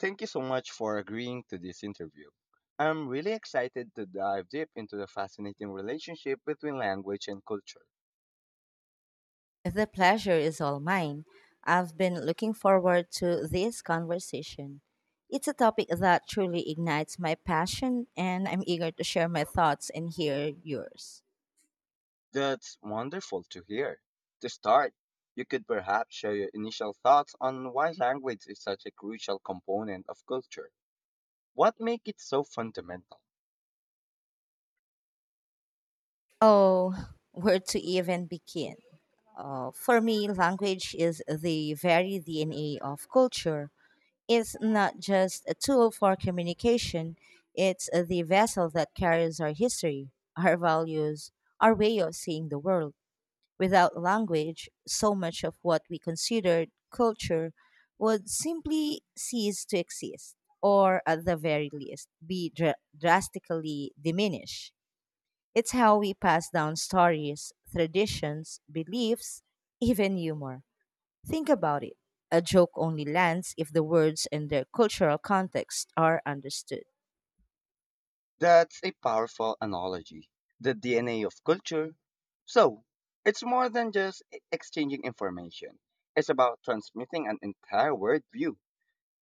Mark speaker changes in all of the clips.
Speaker 1: Thank you so much for agreeing to this interview. I'm really excited to dive deep into the fascinating relationship between language and culture.
Speaker 2: The pleasure is all mine. I've been looking forward to this conversation. It's a topic that truly ignites my passion, and I'm eager to share my thoughts and hear yours.
Speaker 1: That's wonderful to hear. To start, you could perhaps share your initial thoughts on why language is such a crucial component of culture. What makes it so fundamental?
Speaker 2: Oh, where to even begin? For me, language is the very DNA of culture. It's not just a tool for communication, it's the vessel that carries our history, our values, our way of seeing the world. Without language, so much of what we considered culture would simply cease to exist, or at the very least, be drastically diminished. It's how we pass down stories, traditions, beliefs, even humor. Think about it. A joke only lands if the words and their cultural context are understood.
Speaker 1: That's a powerful analogy. The DNA of culture. So, it's more than just exchanging information. It's about transmitting an entire worldview.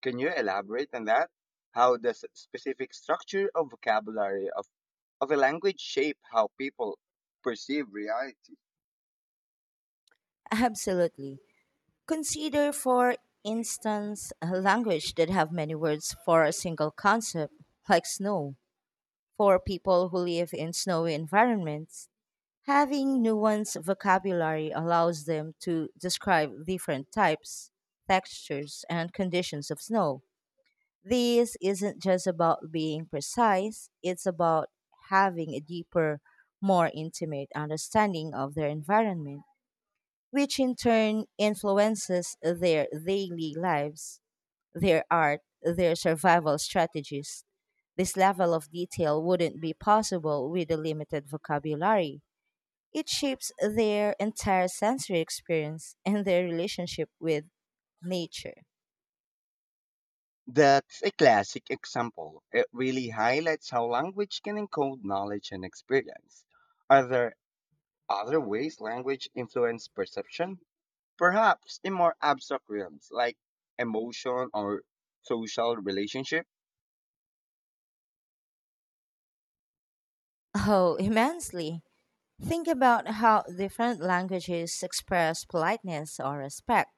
Speaker 1: Can you elaborate on that? How does specific structure of vocabulary of a language shape how people perceive reality?
Speaker 2: Absolutely. Consider, for instance, a language that have many words for a single concept, like snow. For people who live in snowy environments, having nuanced vocabulary allows them to describe different types, textures, and conditions of snow. This isn't just about being precise, it's about having a deeper, more intimate understanding of their environment which in turn influences their daily lives, their art, their survival strategies. This level of detail wouldn't be possible with a limited vocabulary. It shapes their entire sensory experience and their relationship with nature.
Speaker 1: That's a classic example. It really highlights how language can encode knowledge and experience. Are there other ways language influence perception? Perhaps in more abstract realms like emotion or social relationship?
Speaker 2: Oh, immensely. Think about how different languages express politeness or respect.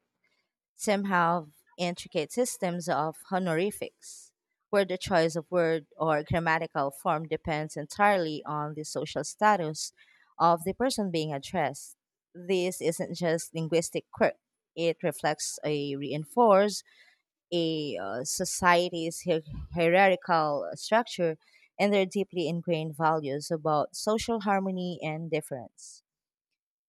Speaker 2: Some have intricate systems of honorifics, where the choice of word or grammatical form depends entirely on the social status of the person being addressed. This isn't just linguistic quirk. It reflects a reinforce a society's hierarchical structure and their deeply ingrained values about social harmony and difference.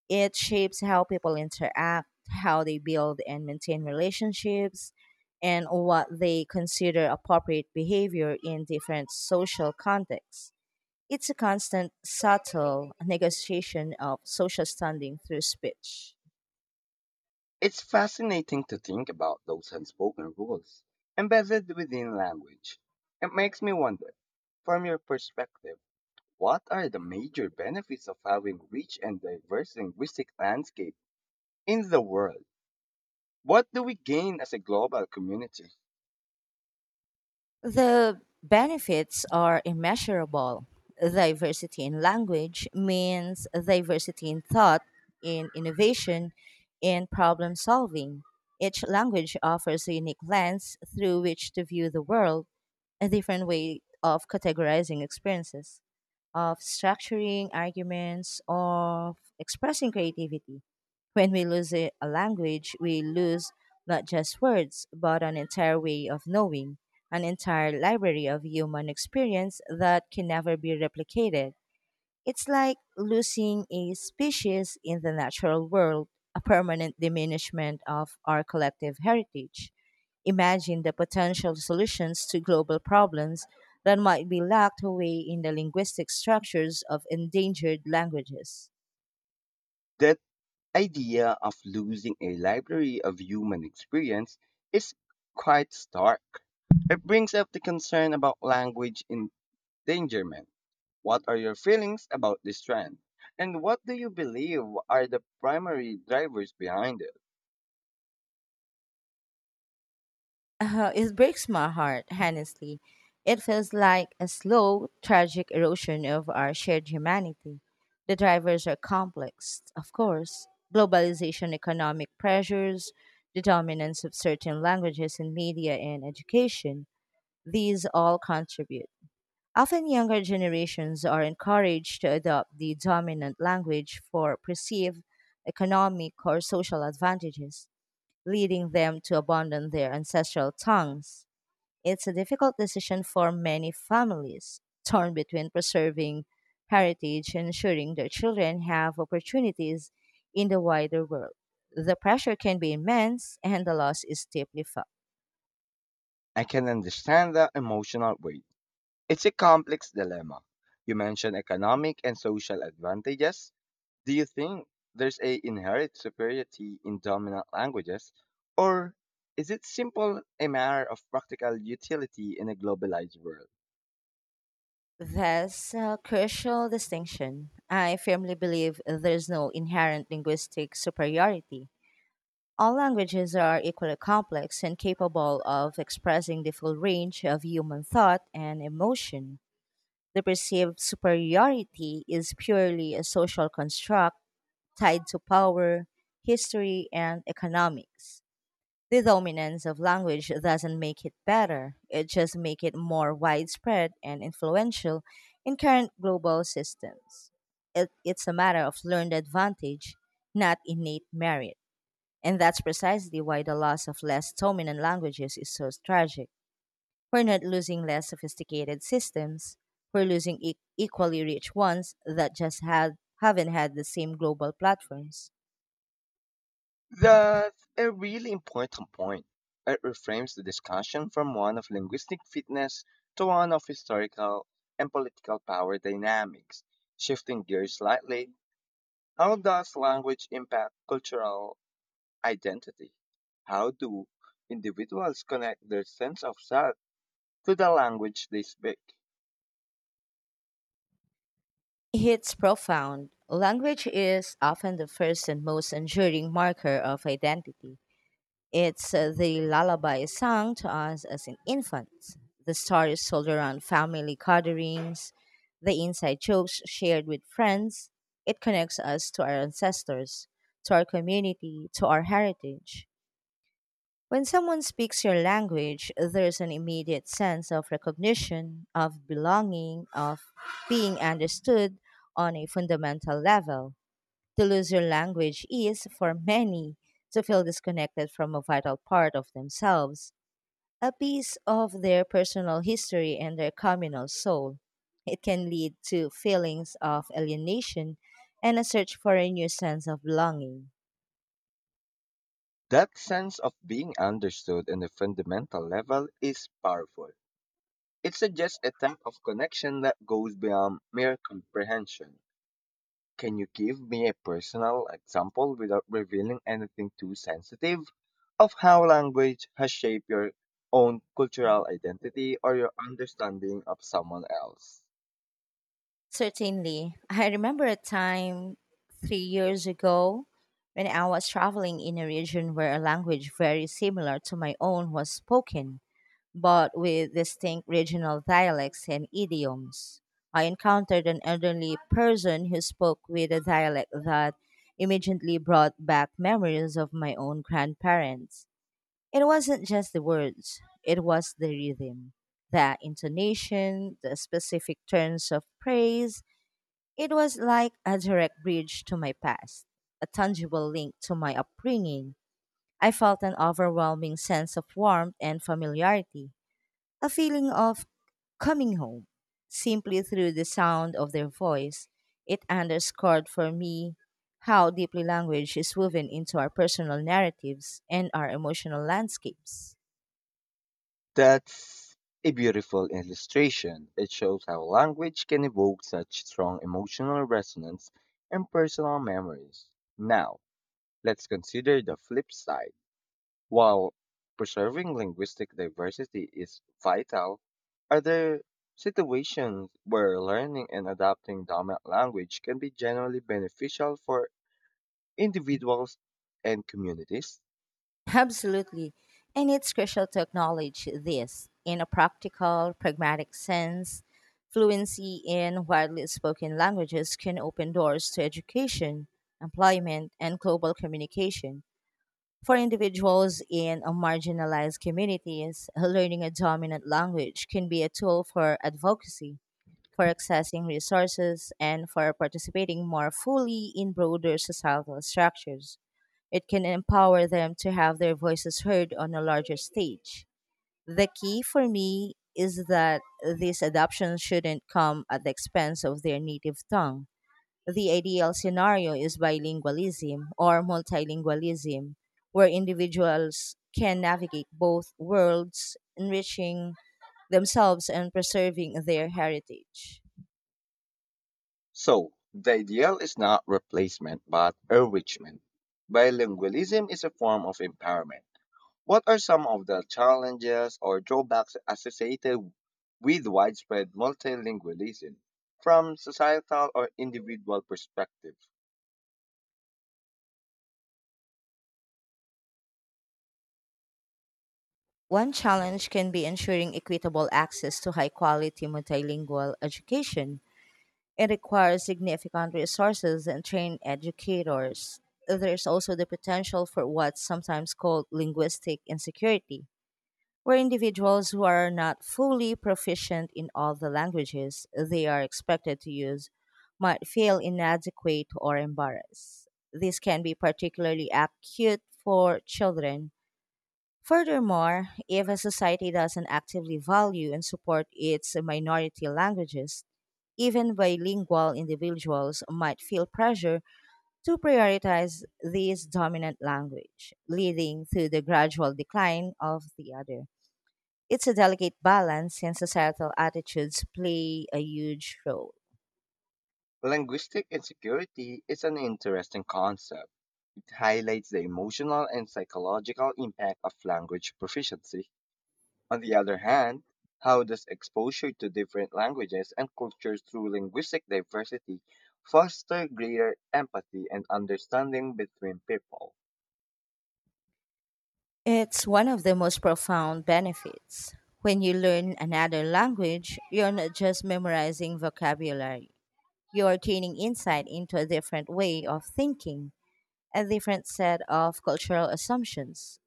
Speaker 2: It shapes how people interact, how they build and maintain relationships, and what they consider appropriate behavior in different social contexts. It's a constant, subtle negotiation of social standing through speech.
Speaker 1: It's fascinating to think about those unspoken rules embedded within language. It makes me wonder, from your perspective, what are the major benefits of having rich and diverse linguistic landscape in the world? What do we gain as a global community?
Speaker 2: The benefits are immeasurable. Diversity in language means diversity in thought, in innovation, in problem solving. Each language offers a unique lens through which to view the world, a different way of categorizing experiences, of structuring arguments, of expressing creativity. When we lose a language, we lose not just words, but an entire way of knowing an entire library of human experience that can never be replicated. It's like losing a species in the natural world, a permanent diminishment of our collective heritage. Imagine the potential solutions to global problems that might be locked away in the linguistic structures of endangered languages.
Speaker 1: That idea of losing a library of human experience is quite stark. It brings up the concern about language in Dangerment. What are your feelings about this trend? And what do you believe are the primary drivers behind it?
Speaker 2: It breaks my heart, honestly. It feels like a slow, tragic erosion of our shared humanity. The drivers are complex, of course. Globalization, economic pressures, the dominance of certain languages in media and education, these all contribute. Often younger generations are encouraged to adopt the dominant language for perceived economic or social advantages, leading them to abandon their ancestral tongues. It's a difficult decision for many families, torn between preserving heritage and ensuring their children have opportunities in the wider world. The pressure can be immense, and the loss is deeply felt.
Speaker 1: I can understand the emotional weight. It's a complex dilemma. You mentioned economic and social advantages. Do you think there's a inherent superiority in dominant languages? Or is it simple a matter of practical utility in a globalized world?
Speaker 2: That's a crucial distinction. I firmly believe there's no inherent linguistic superiority. All languages are equally complex and capable of expressing the full range of human thought and emotion. The perceived superiority is purely a social construct tied to power, history, and economics. The dominance of language doesn't make it better, it just makes it more widespread and influential in current global systems. It's a matter of learned advantage, not innate merit. And that's precisely why the loss of less dominant languages is so tragic. We're not losing less sophisticated systems. We're losing equally rich ones that just had haven't had the same global platforms.
Speaker 1: That's a really important point. It reframes the discussion from one of linguistic fitness to one of historical and political power dynamics. Shifting gears slightly, how does language impact cultural identity? How do individuals connect their sense of self to the language they speak?
Speaker 2: It's profound. Language is often the first and most enduring marker of identity. It's the lullaby sung to us as an infant, the stories told around family gatherings, the inside jokes shared with friends. It connects us to our ancestors, to our community, to our heritage. When someone speaks your language, there's an immediate sense of recognition, of belonging, of being understood on a fundamental level. To lose your language is, for many, to feel disconnected from a vital part of themselves, a piece of their personal history and their communal soul. It can lead to feelings of alienation and a search for a new sense of belonging.
Speaker 1: That sense of being understood on a fundamental level is powerful. It suggests a type of connection that goes beyond mere comprehension. Can you give me a personal example, without revealing anything too sensitive, of how language has shaped your own cultural identity or your understanding of someone else?
Speaker 2: Certainly. I remember a time 3 years ago when I was traveling in a region where a language very similar to my own was spoken, but with distinct regional dialects and idioms. I encountered an elderly person who spoke with a dialect that immediately brought back memories of my own grandparents. It wasn't just the words, it was the rhythm, the intonation, the specific turns of praise it was like a direct bridge to my past, a tangible link to my upbringing. I felt an overwhelming sense of warmth and familiarity, a feeling of coming home. Simply through the sound of their voice, it underscored for me how deeply language is woven into our personal narratives and our emotional landscapes.
Speaker 1: That's a beautiful illustration. It shows how language can evoke such strong emotional resonance and personal memories. Now, let's consider the flip side. While preserving linguistic diversity is vital, are there situations where learning and adopting dominant language can be generally beneficial for individuals and communities?
Speaker 2: Absolutely. And it's crucial to acknowledge this in a practical, pragmatic sense. Fluency in widely spoken languages can open doors to education, employment, and global communication. For individuals in a marginalized communities, learning a dominant language can be a tool for advocacy, for accessing resources, and for participating more fully in broader societal structures. It can empower them to have their voices heard on a larger stage. The key for me is that this adoption shouldn't come at the expense of their native tongue the ideal scenario is bilingualism or multilingualism, where individuals can navigate both worlds, enriching themselves and preserving their heritage.
Speaker 1: So, the ideal is not replacement but enrichment. Bilingualism is a form of empowerment. What are some of the challenges or drawbacks associated with widespread multilingualism from societal or individual perspective?
Speaker 2: One challenge can be ensuring equitable access to high quality multilingual education. It requires significant resources and trained educators. There's also the potential for what's sometimes called linguistic insecurity where individuals who are not fully proficient in all the languages they are expected to use might feel inadequate or embarrassed. This can be particularly acute for children. Furthermore, if a society doesn't actively value and support its minority languages, even bilingual individuals might feel pressure to prioritize this dominant language, leading to the gradual decline of the other. It's a delicate balance, and societal attitudes play a huge role.
Speaker 1: Linguistic insecurity is an interesting concept. It highlights the emotional and psychological impact of language proficiency. On the other hand, how does exposure to different languages and cultures through linguistic diversity foster greater empathy and understanding between people?
Speaker 2: It's one of the most profound benefits. When you learn another language, you're not just memorizing vocabulary, you are gaining insight into a different way of thinking, a different set of cultural assumptions.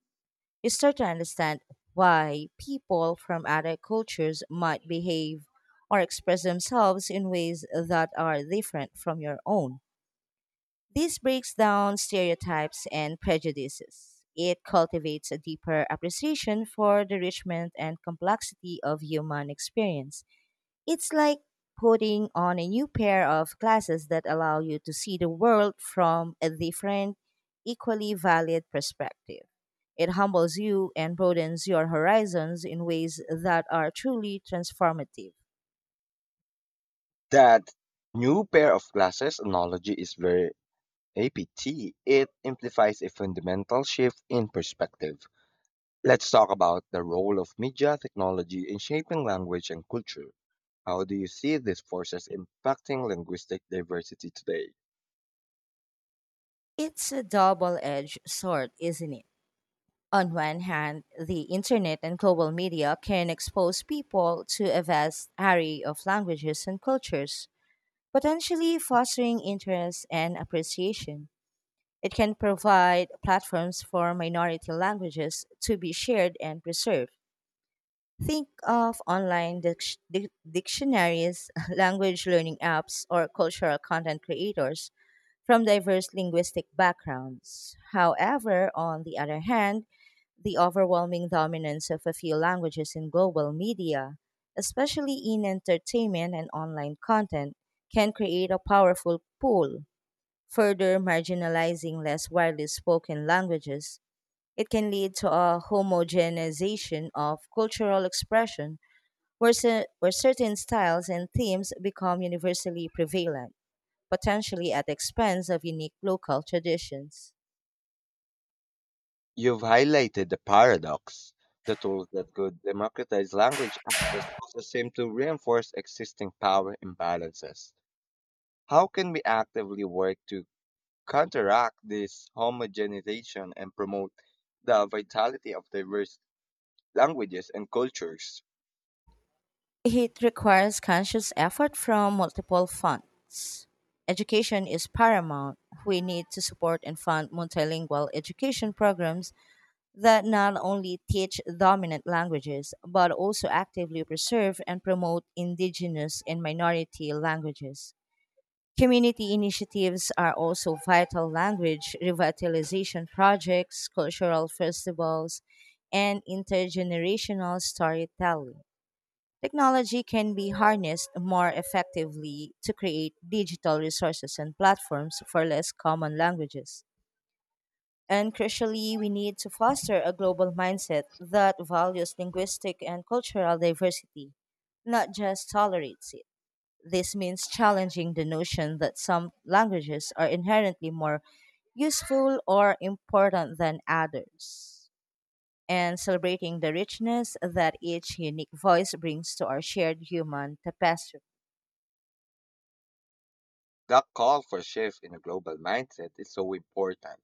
Speaker 2: You start to understand why people from other cultures might behave or express themselves in ways that are different from your own. This breaks down stereotypes and prejudices. It cultivates a deeper appreciation for the richness and complexity of human experience. It's like putting on a new pair of glasses that allow you to see the world from a different, equally valid perspective. It humbles you and broadens your horizons in ways that are truly transformative.
Speaker 1: That new pair of glasses analogy is very apt. It implies a fundamental shift in perspective. Let's talk about the role of media technology in shaping language and culture. How do you see these forces impacting linguistic diversity today?
Speaker 2: It's a double edged sword, isn't it? On one hand, the internet and global media can expose people to a vast array of languages and cultures, potentially fostering interest and appreciation. It can provide platforms for minority languages to be shared and preserved. Think of online dictionaries, language learning apps, or cultural content creators from diverse linguistic backgrounds. However, on the other hand, the overwhelming dominance of a few languages in global media, especially in entertainment and online content, can create a powerful pull. Further marginalizing less widely spoken languages, it can lead to a homogenization of cultural expression where, where certain styles and themes become universally prevalent potentially at the expense of unique local traditions.
Speaker 1: You've highlighted the paradox. The tools that could democratize language access also seem to reinforce existing power imbalances. How can we actively work to counteract this homogenization and promote the vitality of diverse languages and cultures?
Speaker 2: It requires conscious effort from multiple fronts. Education is paramount. We need to support and fund multilingual education programs that not only teach dominant languages but also actively preserve and promote indigenous and minority languages. Community initiatives are also vital language revitalization projects, cultural festivals, and intergenerational storytelling. Technology can be harnessed more effectively to create digital resources and platforms for less common languages. And crucially, we need to foster a global mindset that values linguistic and cultural diversity, not just tolerates it. This means challenging the notion that some languages are inherently more useful or important than others, and celebrating the richness that each unique voice brings to our shared human tapestry.
Speaker 1: That call for shift in a global mindset is so important.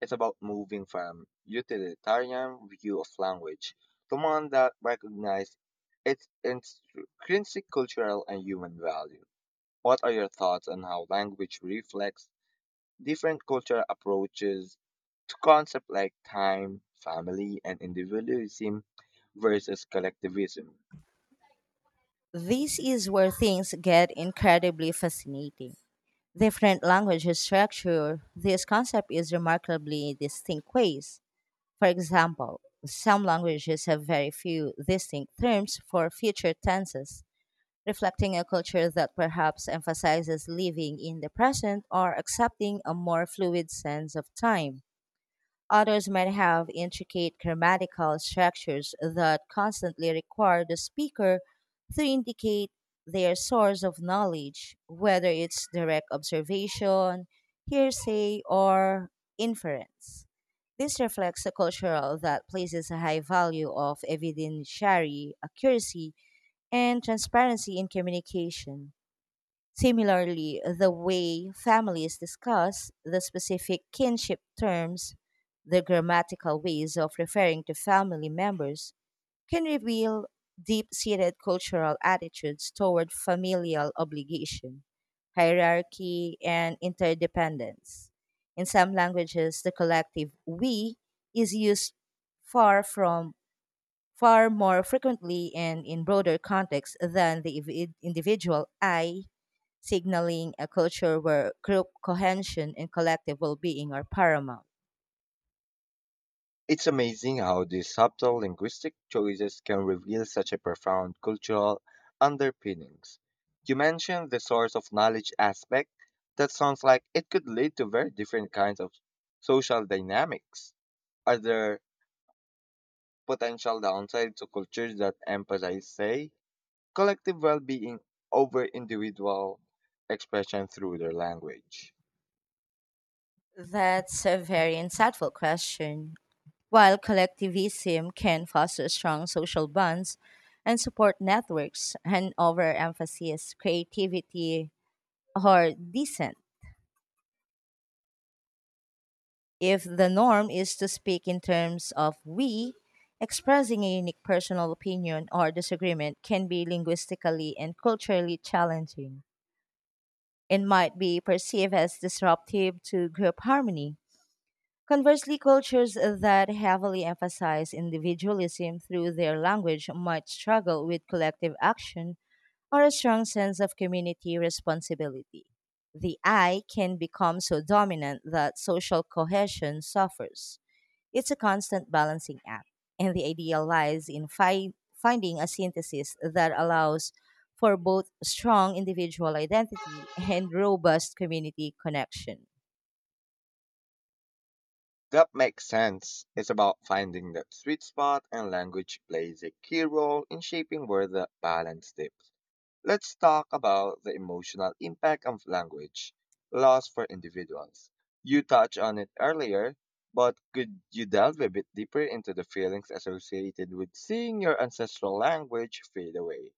Speaker 1: It's about moving from utilitarian view of language to one that recognizes its intrinsic cultural and human value. What are your thoughts on how language reflects different cultural approaches to concepts like time, family, and individualism versus collectivism?
Speaker 2: This is where things get incredibly fascinating. Different languages structure this concept in remarkably distinct ways. For example, some languages have very few distinct terms for future tenses, reflecting a culture that perhaps emphasizes living in the present or accepting a more fluid sense of time. Others might have intricate grammatical structures that constantly require the speaker to indicate their source of knowledge, whether it's direct observation, hearsay, or inference. This reflects a culture that places a high value of evidentiary accuracy and transparency in communication. Similarly, the way families discuss the specific kinship terms, the grammatical ways of referring to family members, can reveal deep seated cultural attitudes toward familial obligation, hierarchy, and interdependence. In some languages, the collective we is used far from far more frequently and in broader contexts than the individual I, signaling a culture where group cohesion and collective well being are paramount.
Speaker 1: It's amazing how these subtle linguistic choices can reveal such a profound cultural underpinnings. You mentioned the source of knowledge aspect. That sounds like it could lead to very different kinds of social dynamics. Are there potential downsides to cultures that emphasize, say, collective well being over individual expression through their language?
Speaker 2: That's a very insightful question. While collectivism can foster strong social bonds and support networks, an overemphasis, creativity, or dissent. If the norm is to speak in terms of we, expressing a unique personal opinion or disagreement can be linguistically and culturally challenging and might be perceived as disruptive to group harmony. Conversely, cultures that heavily emphasize individualism through their language might struggle with collective action or a strong sense of community responsibility. The I can become so dominant that social cohesion suffers. It's a constant balancing act, and the ideal lies in finding a synthesis that allows for both strong individual identity and robust community connection.
Speaker 1: That makes sense. It's about finding that sweet spot, and language plays a key role in shaping where the balance dips. Let's talk about the emotional impact of language loss for individuals. You touched on it earlier, but could you delve a bit deeper into the feelings associated with seeing your ancestral language fade away?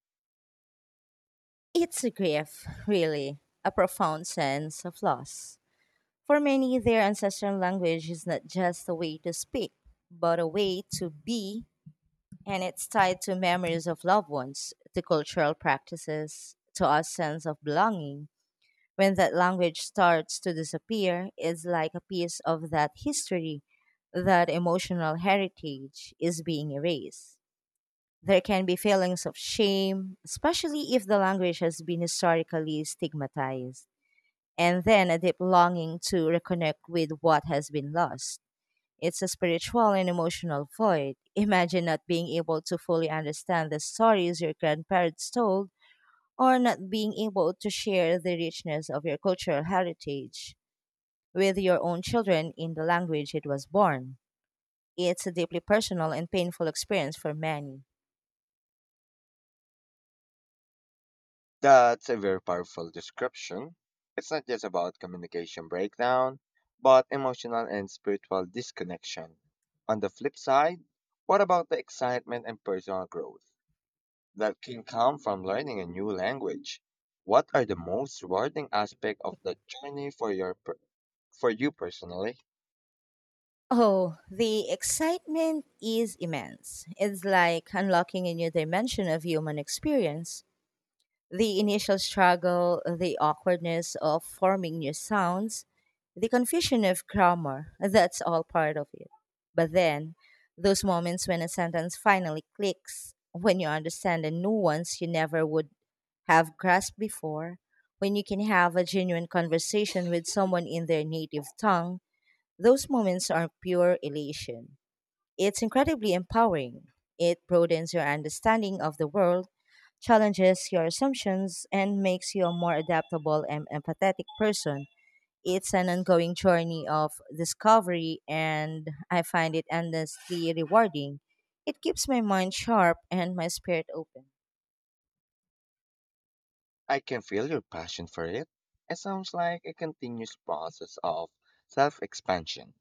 Speaker 2: It's a grief, really, a profound sense of loss. For many, their ancestral language is not just a way to speak, but a way to be, and it's tied to memories of loved ones, to cultural practices, to our sense of belonging. When that language starts to disappear, it's like a piece of that history, that emotional heritage is being erased. There can be feelings of shame, especially if the language has been historically stigmatized, and then a deep longing to reconnect with what has been lost. It's a spiritual and emotional void. Imagine not being able to fully understand the stories your grandparents told, or not being able to share the richness of your cultural heritage with your own children in the language it was born. It's a deeply personal and painful experience for many.
Speaker 1: That's a very powerful description. It's not just about communication breakdown, but emotional and spiritual disconnection. On the flip side, what about the excitement and personal growth that can come from learning a new language? What are the most rewarding aspects of the journey for for you personally?
Speaker 2: Oh, the excitement is immense. It's like unlocking a new dimension of human experience. The initial struggle, the awkwardness of forming new sounds, the confusion of grammar, that's all part of it. But then, those moments when a sentence finally clicks, when you understand a nuance you never would have grasped before, when you can have a genuine conversation with someone in their native tongue, those moments are pure elation. It's incredibly empowering. It broadens your understanding of the world, challenges your assumptions, and makes you a more adaptable and empathetic person. It's an ongoing journey of discovery, and I find it endlessly rewarding. It keeps my mind sharp and my spirit open.
Speaker 1: I can feel your passion for it. It sounds like a continuous process of self expansion.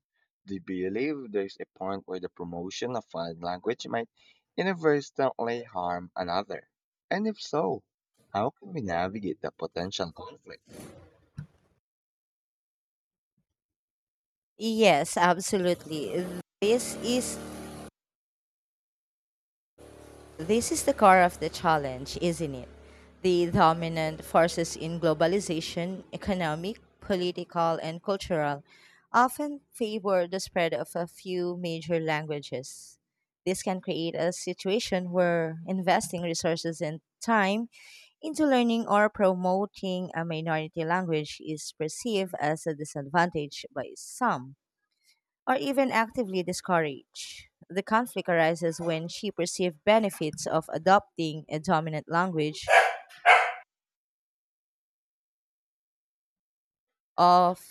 Speaker 1: Do you believe there's a point where the promotion of one language might inadvertently harm another? And if so, how can we navigate the potential conflict?
Speaker 2: Yes, absolutely. This is This is the core of the challenge, isn't it? The dominant forces in globalization, economic, political, and cultural, often favor the spread of a few major languages. This can create a situation where investing resources and time into learning or promoting a minority language is perceived as a disadvantage by some or even actively discourage. The conflict arises when she perceives benefits of adopting a dominant language of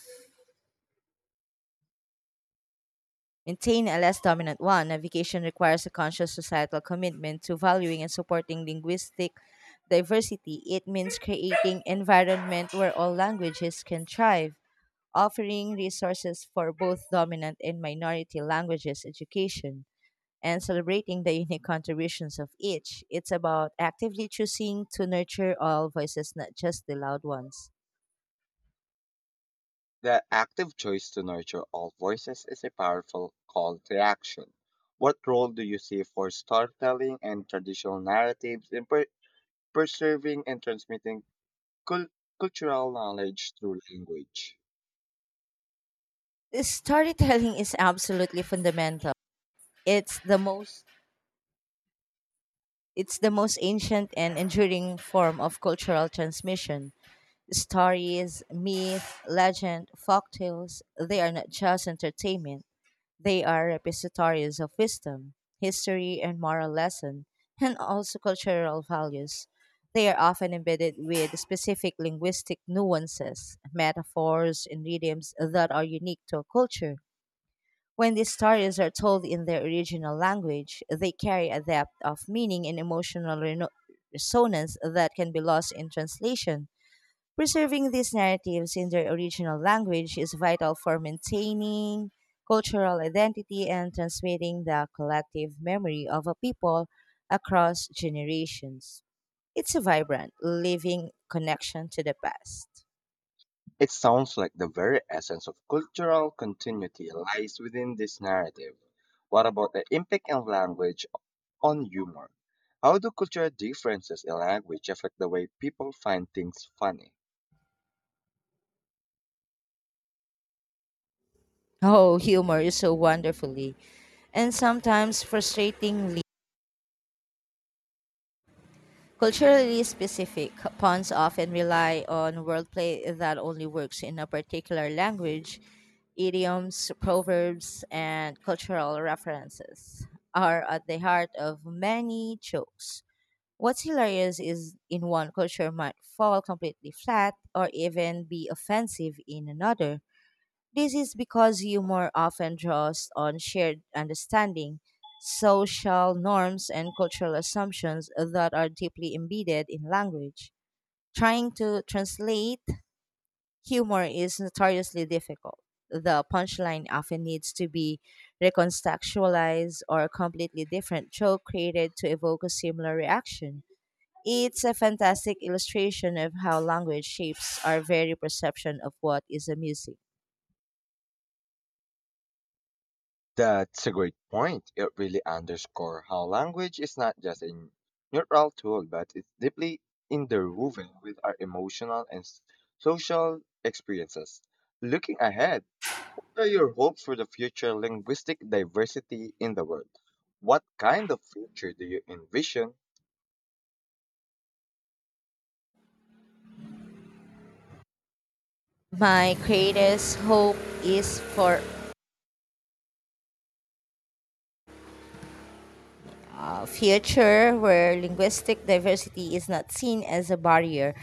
Speaker 2: maintain a less dominant one. Navigation requires a conscious societal commitment to valuing and supporting linguistic diversity. It means creating environment where all languages can thrive, offering resources for both dominant and minority languages education, and celebrating the unique contributions of each. It's about actively choosing to nurture all voices, not just the loud ones.
Speaker 1: The active choice to nurture all voices is a powerful call to action. What role do you see for storytelling and traditional narratives in preserving and transmitting Cul- cultural knowledge through language?
Speaker 2: This storytelling is absolutely fundamental. It's the most it's the most ancient and enduring form of cultural transmission. Stories, myth, legend, folktales, they are not just entertainment. They are repositories of wisdom, history, and moral lesson, and also cultural values. They are often embedded with specific linguistic nuances, metaphors, and idioms that are unique to a culture. When these stories are told in their original language, they carry a depth of meaning and emotional resonance that can be lost in translation. Preserving these narratives in their original language is vital for maintaining cultural identity and transmitting the collective memory of a people across generations. It's a vibrant, living connection to the past.
Speaker 1: It sounds like the very essence of cultural continuity lies within this narrative. What about the impact of language on humor? How do cultural differences in language affect the way people find things funny?
Speaker 2: Oh, humor is so wonderfully and sometimes frustratingly culturally specific, pawns often rely on wordplay that only works in a particular language. Idioms, proverbs, and cultural references are at the heart of many jokes. What's hilarious is in one culture might fall completely flat or even be offensive in another. This is because humor often draws on shared understanding, social norms, and cultural assumptions that are deeply embedded in language. Trying to translate humor is notoriously difficult. The punchline often needs to be recontextualized or a completely different joke created to evoke a similar reaction. It's a fantastic illustration of how language shapes our very perception of what is amusing.
Speaker 1: That's a great point. It really underscores how language is not just a neutral tool, but it's deeply interwoven with our emotional and social experiences. Looking ahead, what are your hopes for the future linguistic diversity in the world? What kind of future do you envision?
Speaker 2: My greatest hope is for a future where linguistic diversity is not seen as a barrier,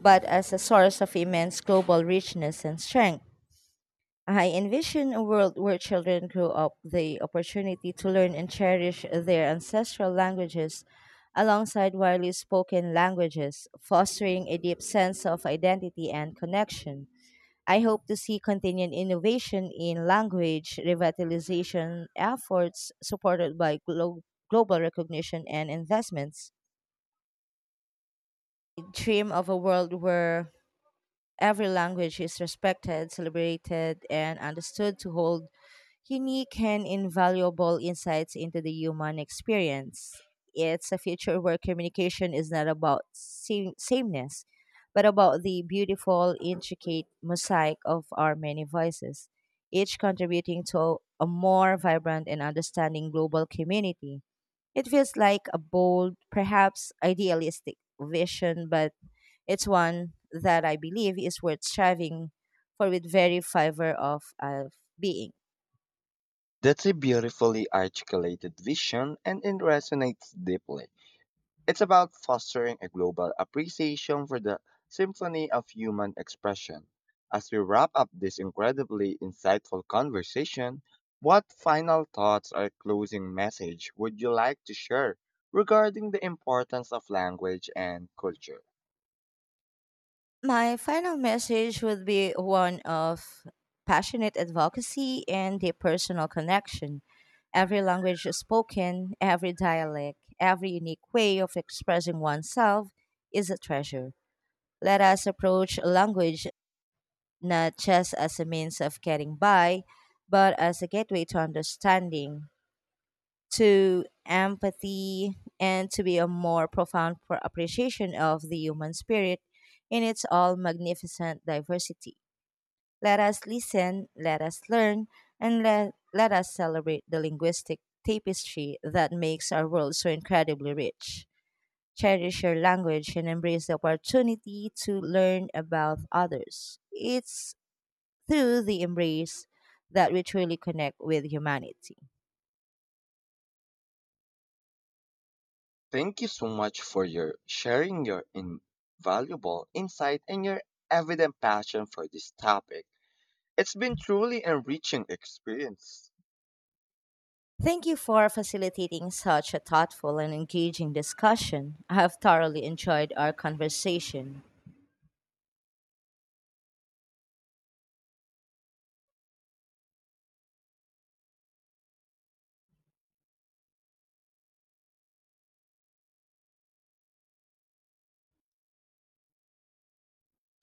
Speaker 2: but as a source of immense global richness and strength. I envision a world where children grow up the opportunity to learn and cherish their ancestral languages alongside widely spoken languages, fostering a deep sense of identity and connection. I hope to see continued innovation in language revitalization efforts supported by global recognition and investments. I dream of a world where every language is respected, celebrated, and understood to hold unique and invaluable insights into the human experience. It's a future where communication is not about sameness, but about the beautiful, intricate mosaic of our many voices, each contributing to a more vibrant and understanding global community. It feels like a bold, perhaps idealistic vision, but it's one that I believe is worth striving for with very fiber of being.
Speaker 1: That's a beautifully articulated vision and it resonates deeply. It's about fostering a global appreciation for the symphony of human expression. As we wrap up this incredibly insightful conversation, what final thoughts or closing message would you like to share regarding the importance of language and culture?
Speaker 2: My final message would be one of passionate advocacy and deep personal connection. Every language spoken, every dialect, every unique way of expressing oneself is a treasure. Let us approach language not just as a means of getting by, but as a gateway to understanding, to empathy and to be a more profound appreciation of the human spirit in its all magnificent diversity. Let us listen, let us learn, and let us celebrate the linguistic tapestry that makes our world so incredibly rich. Cherish your language and embrace the opportunity to learn about others. It's through the embrace that we truly connect with humanity.
Speaker 1: Thank you so much for your sharing your invaluable insight and your evident passion for this topic. It's been truly enriching experience.
Speaker 2: Thank you for facilitating such a thoughtful and engaging discussion. I have thoroughly enjoyed our conversation.